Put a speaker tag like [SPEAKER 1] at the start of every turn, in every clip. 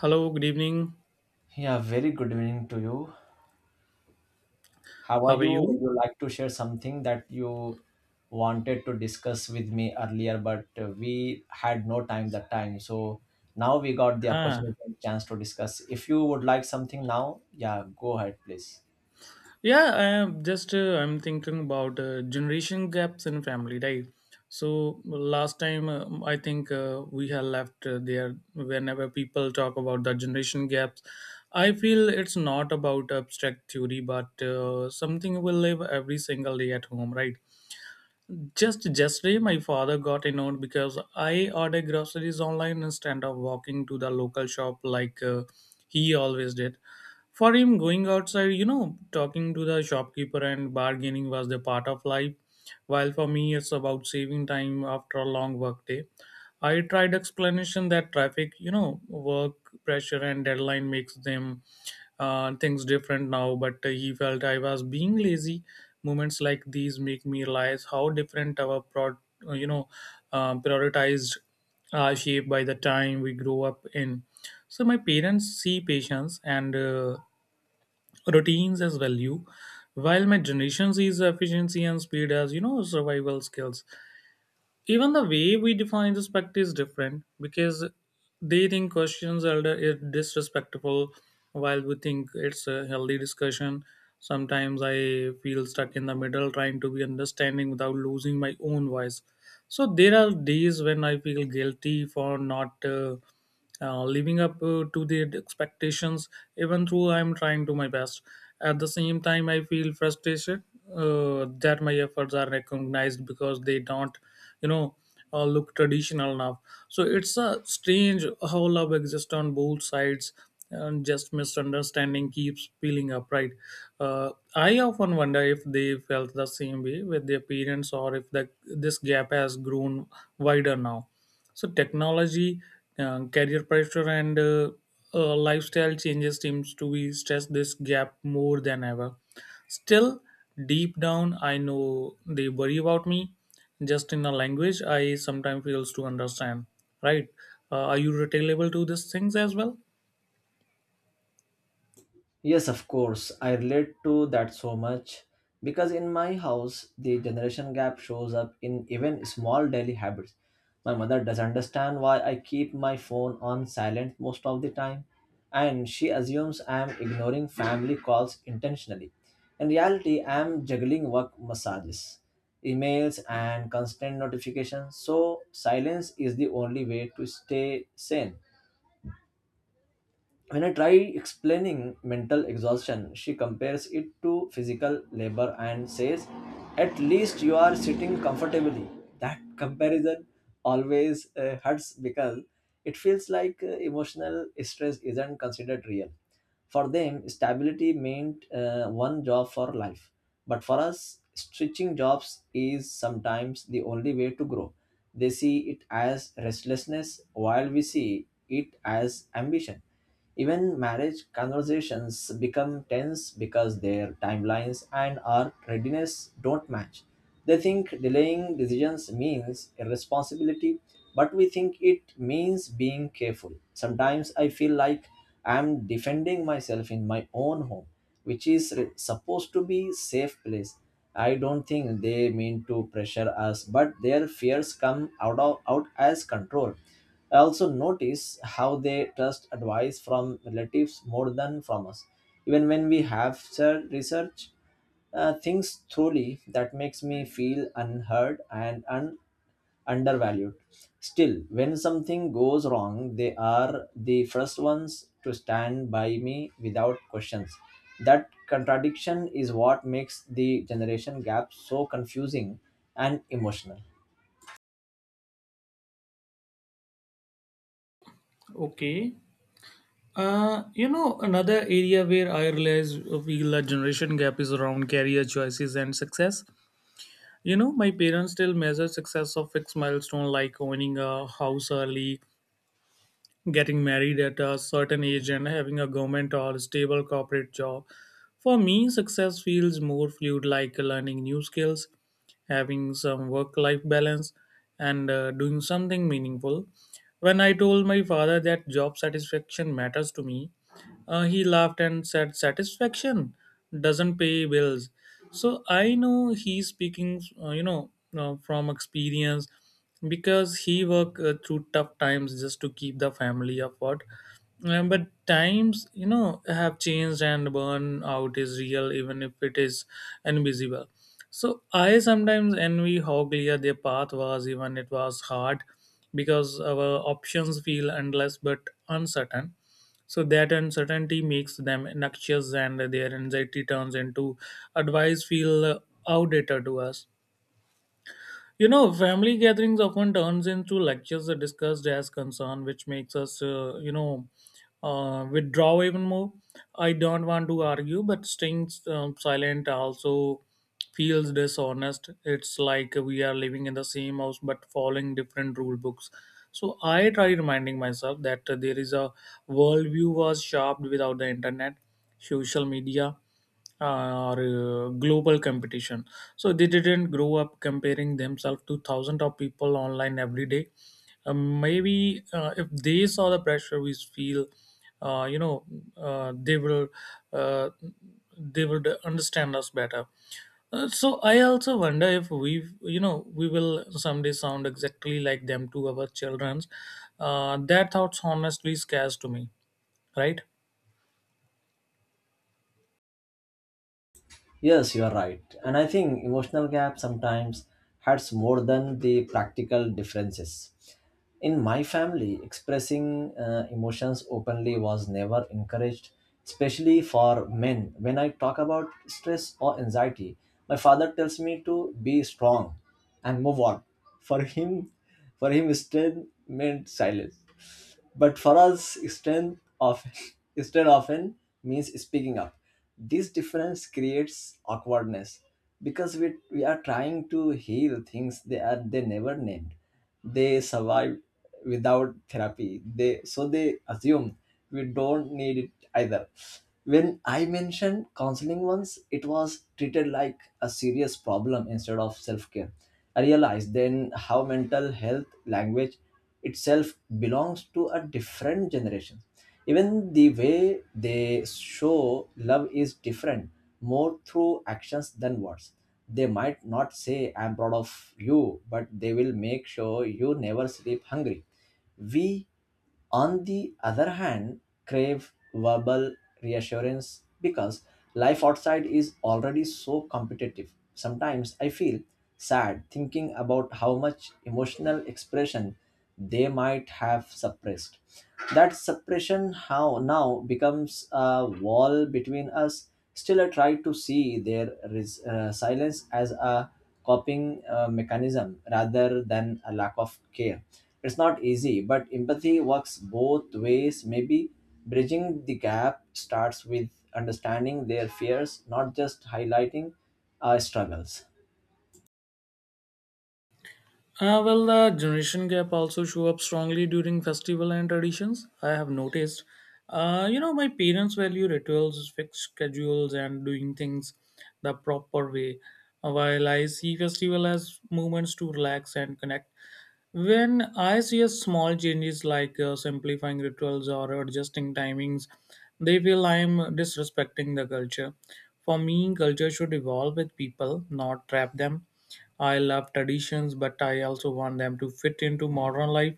[SPEAKER 1] Hello, good evening.
[SPEAKER 2] Yeah, very good evening to you. How are
[SPEAKER 1] How are
[SPEAKER 2] you? Would
[SPEAKER 1] you?
[SPEAKER 2] you like to share something that you wanted to discuss with me earlier, but we had no time that time. So now we got the
[SPEAKER 1] Huh.
[SPEAKER 2] opportunity and chance to discuss. If you would like something now, yeah, go ahead, please.
[SPEAKER 1] Yeah, I am just I'm thinking about generation gaps in family, right? So last time I think we have left there whenever people talk about the generation gaps. I feel it's not about abstract theory, but something we live every single day at home, right? Just yesterday, my father got annoyed because I order groceries online instead of walking to the local shop like he always did. For him, going outside, talking to the shopkeeper and bargaining was the part of life, while for me it's about saving time after a long work day. I tried explanation that traffic, work pressure and deadline makes them things different now, but he felt I was being lazy. Moments like these make me realize how different our uh, you know prioritized are shaped by the time we grow up in. So my parents see patience and routines as value, while my generation sees efficiency and speed as, you know, survival skills. Even the way we define respect is different because they think questions elder is disrespectful, while we think it's a healthy discussion. Sometimes I feel stuck in the middle trying to be understanding without losing my own voice. So there are days when I feel guilty for not living up to their expectations, even though I'm trying to my best. At the same time, I feel frustrated that my efforts are recognized because they don't, you know look traditional enough. So it's a strange how love exists on both sides, and just misunderstanding keeps peeling up, right? I often wonder if they felt the same way with their parents, or if this gap has grown wider now. So technology, career pressure, and lifestyle changes seems to be stress this gap more than ever. Still, deep down, I know they worry about me. Just in a language, I sometimes fails to understand. Right? Are you retailable to these things as well?
[SPEAKER 2] Yes, of course. I relate to that so much because in my house, the generation gap shows up in even small daily habits. My mother does understand why I keep my phone on silent most of the time, and she assumes I am ignoring family calls intentionally. In reality, I am juggling work massages, emails, and constant notifications, so silence is the only way to stay sane when I try explaining mental exhaustion, she compares it to physical labor and says, at least you are sitting comfortably. That comparison always hurts because it feels like emotional stress isn't considered real. For them, stability meant one job for life. But for us, switching jobs is sometimes the only way to grow. They see it as restlessness while we see it as ambition, even marriage conversations become tense because their timelines and our readiness don't match. They think delaying decisions means irresponsibility, but we think it means being careful. Sometimes I feel like I'm defending myself in my own home, which is supposed to be safe place. I don't think they mean to pressure us, but their fears come out of out as control. I also notice how they trust advice from relatives more than from us. Even when we have research things thoroughly, that makes me feel unheard and undervalued. Still, when something goes wrong, they are the first ones to stand by me without questions. That contradiction is what makes the generation gap so confusing and emotional.
[SPEAKER 1] Okay. You know, another area where I realize we feel a generation gap is around career choices and success. You know, my parents still measure success of fixed milestone like owning a house early, getting married at a certain age, and having a government or stable corporate job. For me, success feels more fluid, like learning new skills, having some work life balance, and doing something meaningful. When I told my father that job satisfaction matters to me, he laughed and said, "Satisfaction doesn't pay bills." So I know he's speaking, from experience because he worked through tough times just to keep the family afloat. But times, you know, have changed, and burnout is real, even if it is invisible. So I sometimes envy how clear their path was, even it was hard, because our options feel endless but uncertain. So that uncertainty makes them noxious, and their anxiety turns into advice feel outdated to us. You know, family gatherings often turns into lectures that discussed as concern, which makes us, withdraw even more. I don't want to argue, but staying silent also feels dishonest. It's like we are living in the same house but following different rule books. So I try reminding myself that there is a worldview was shaped without the internet, social media, or global competition. So they didn't grow up comparing themselves to thousands of people online every day. Maybe if they saw the pressure we feel, uh, you know, uh, they will uh, they would understand us better. So I also wonder if we, you know, we will someday sound exactly like them to our childrens. That thoughts honestly scares to me, right?
[SPEAKER 2] Yes, you are right. And I think emotional gap sometimes hurts more than the practical differences. In my family, expressing emotions openly was never encouraged, especially for men. When I talk about stress or anxiety, my father tells me to be strong and move on. For him, for him, strength meant silence. But for us, strength often strength often means speaking up. This difference creates awkwardness because we are trying to heal things they never named. They survive without therapy. They so they assume we don't need it either. When I mentioned counseling once, it was treated like a serious problem instead of self care. I realized then how mental health language itself belongs to a different generation. Even the way they show love is different, more through actions than words. They might not say, I'm proud of you, but they will make sure you never sleep hungry. We, on the other hand, crave verbal reassurance because life outside is already so competitive. Sometimes I feel sad thinking about how much emotional expression they might have suppressed. That suppression how now becomes a wall between us. Still, I try to see their silence as a coping mechanism rather than a lack of care. It's not easy, but empathy works both ways. Maybe bridging the gap starts with understanding their fears, not just highlighting our struggles.
[SPEAKER 1] Well, the generation gap also show up strongly during festival and traditions, I have noticed. You know, my parents value rituals, fixed schedules, and doing things the proper way, while I see festival as moments to relax and connect. When I see a small changes like simplifying rituals or adjusting timings, they feel I'm disrespecting the culture. For me, culture should evolve with people, not trap them. I love traditions, but I also want them to fit into modern life.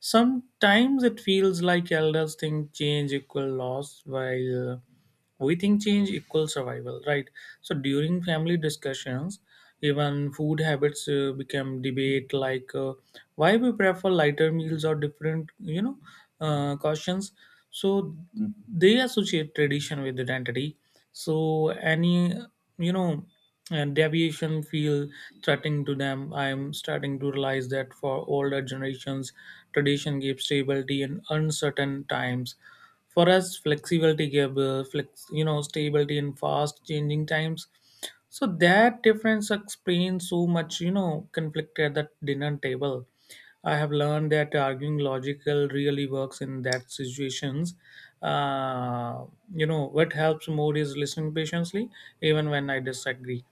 [SPEAKER 1] Sometimes it feels like elders think change equal loss, while we think change equals survival, right? So during family discussions, even food habits become debate, like, why we prefer lighter meals or different, cautions. So they associate tradition with identity. So any, you know, and deviation feel threatening to them. I'm starting to realize that for older generations, tradition gave stability in uncertain times. For us, flexibility gave you know, stability in fast changing times. So that difference explains so much, you know, conflict at the dinner table. I have learned that arguing logical really works in that situations. Uh, you know what helps more is listening patiently, even when I disagree.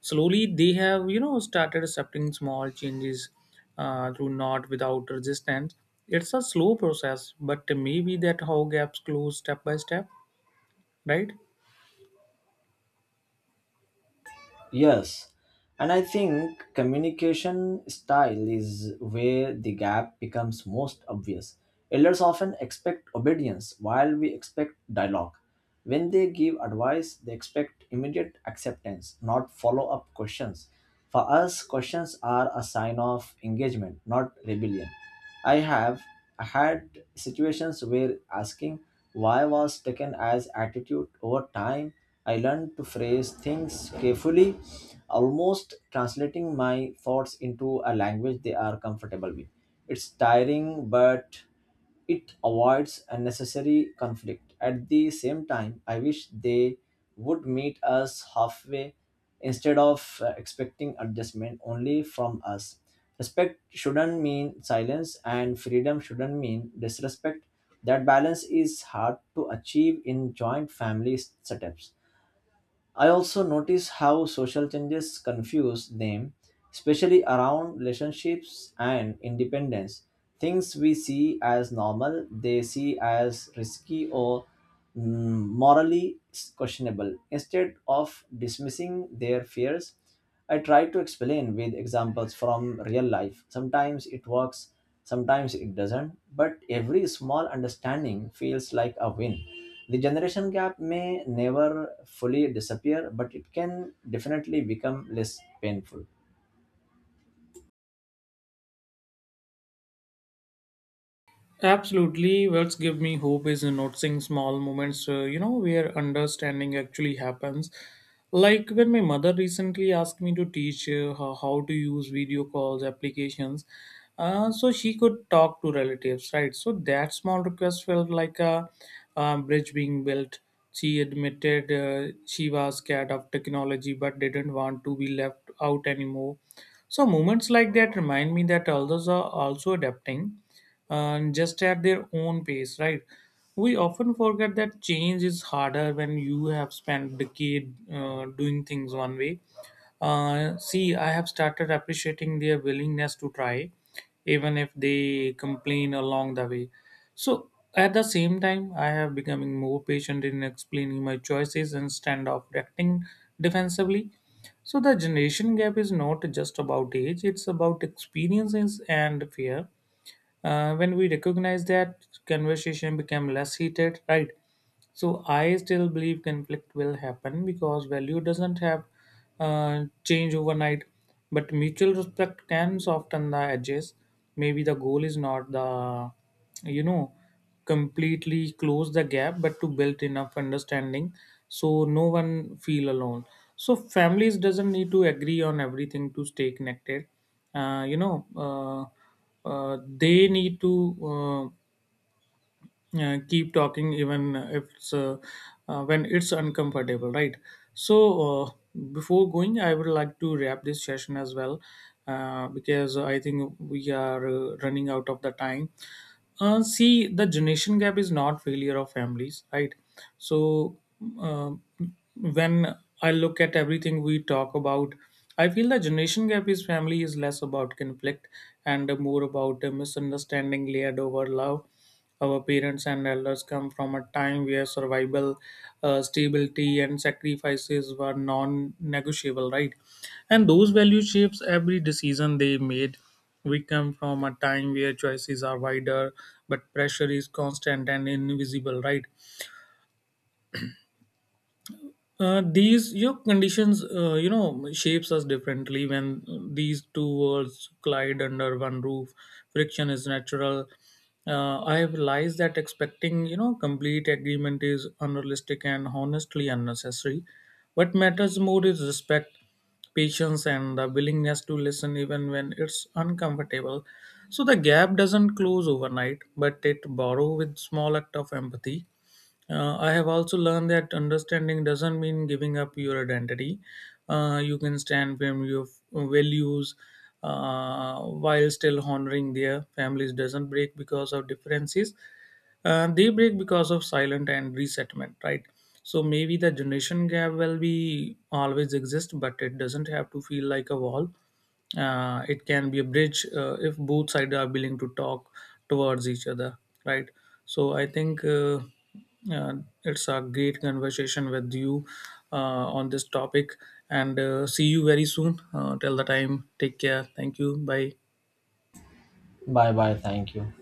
[SPEAKER 1] Slowly, they have, you know, started accepting small changes, through not without resistance. It's a slow process, but maybe that how gaps close step by step, right?
[SPEAKER 2] Yes, and I think communication style is where the gap becomes most obvious. Elders often expect obedience while we expect dialogue. When they give advice, they expect immediate acceptance, not follow up questions. For us, questions are a sign of engagement, not rebellion. I have had situations where asking why was taken as attitude over time. I learned to phrase things carefully, almost translating my thoughts into a language they are comfortable with. It's tiring, but it avoids unnecessary conflict. At the same time, I wish they would meet us halfway instead of expecting adjustment only from us. Respect shouldn't mean silence, and freedom shouldn't mean disrespect. That balance is hard to achieve in joint family setups. I also notice how social changes confuse them, especially around relationships and independence. Things we see as normal, they see as risky or morally questionable. Instead of dismissing their fears, I try to explain with examples from real life. Sometimes it works, sometimes it doesn't, but every small understanding feels like a win. The generation gap may never fully disappear, but it can definitely become less painful.
[SPEAKER 1] Absolutely. What's give me hope is noticing small moments, you know, where understanding actually happens. Like when my mother recently asked me to teach her how to use video calls applications, so she could talk to relatives, right? So that small request felt like a, bridge being built. She admitted she was scared of technology but didn't want to be left out anymore. So moments like that remind me that others are also adapting, just at their own pace, right? We often forget that change is harder when you have spent decade doing things one way. See, I have started appreciating their willingness to try, even if they complain along the way. So at the same time, I have becoming more patient in explaining my choices instead of acting defensively. So the generation gap is not just about age, it's about experiences and fear. When we recognize that, conversation become less heated, right? So I still believe conflict will happen because value doesn't have change overnight, but mutual respect can soften the edges. Maybe the goal is not the, you know, completely close the gap, but to build enough understanding so no one feel alone. So families doesn't need to agree on everything to stay connected. uh, you know uh, they need to uh, keep talking even if it's when it's uncomfortable, right? So uh, before going, I would like to wrap this session as well, because I think we are running out of the time. See, the generation gap is not failure of families, right? So uh, when I look at everything we talk about, I feel the generation gap is family is less about conflict and more about a misunderstanding layered over love. Our parents and elders come from a time where survival, stability, and sacrifices were non-negotiable, right? And those value shapes every decision they made. We come from a time where choices are wider, but pressure is constant and invisible, right? These, you know, conditions, you know, shapes us differently. When these two worlds collide under one roof, friction is natural. I have realized that expecting, you know, complete agreement is unrealistic and honestly unnecessary. What matters more is respect, patience, and the willingness to listen even when it's uncomfortable. So the gap doesn't close overnight, but it borrow with small act of empathy. I have also learned that understanding doesn't mean giving up your identity. You can stand firm your values while still honoring their families. Doesn't break because of differences. They break because of silent and resettlement, right? So maybe the generation gap will be always exist, but it doesn't have to feel like a wall. It can be a bridge if both sides are willing to talk towards each other, right? So I think. Uh, it's a great conversation with you on this topic, and see you very soon. Till the time, take care. Thank you. Bye.
[SPEAKER 2] Bye bye, thank you.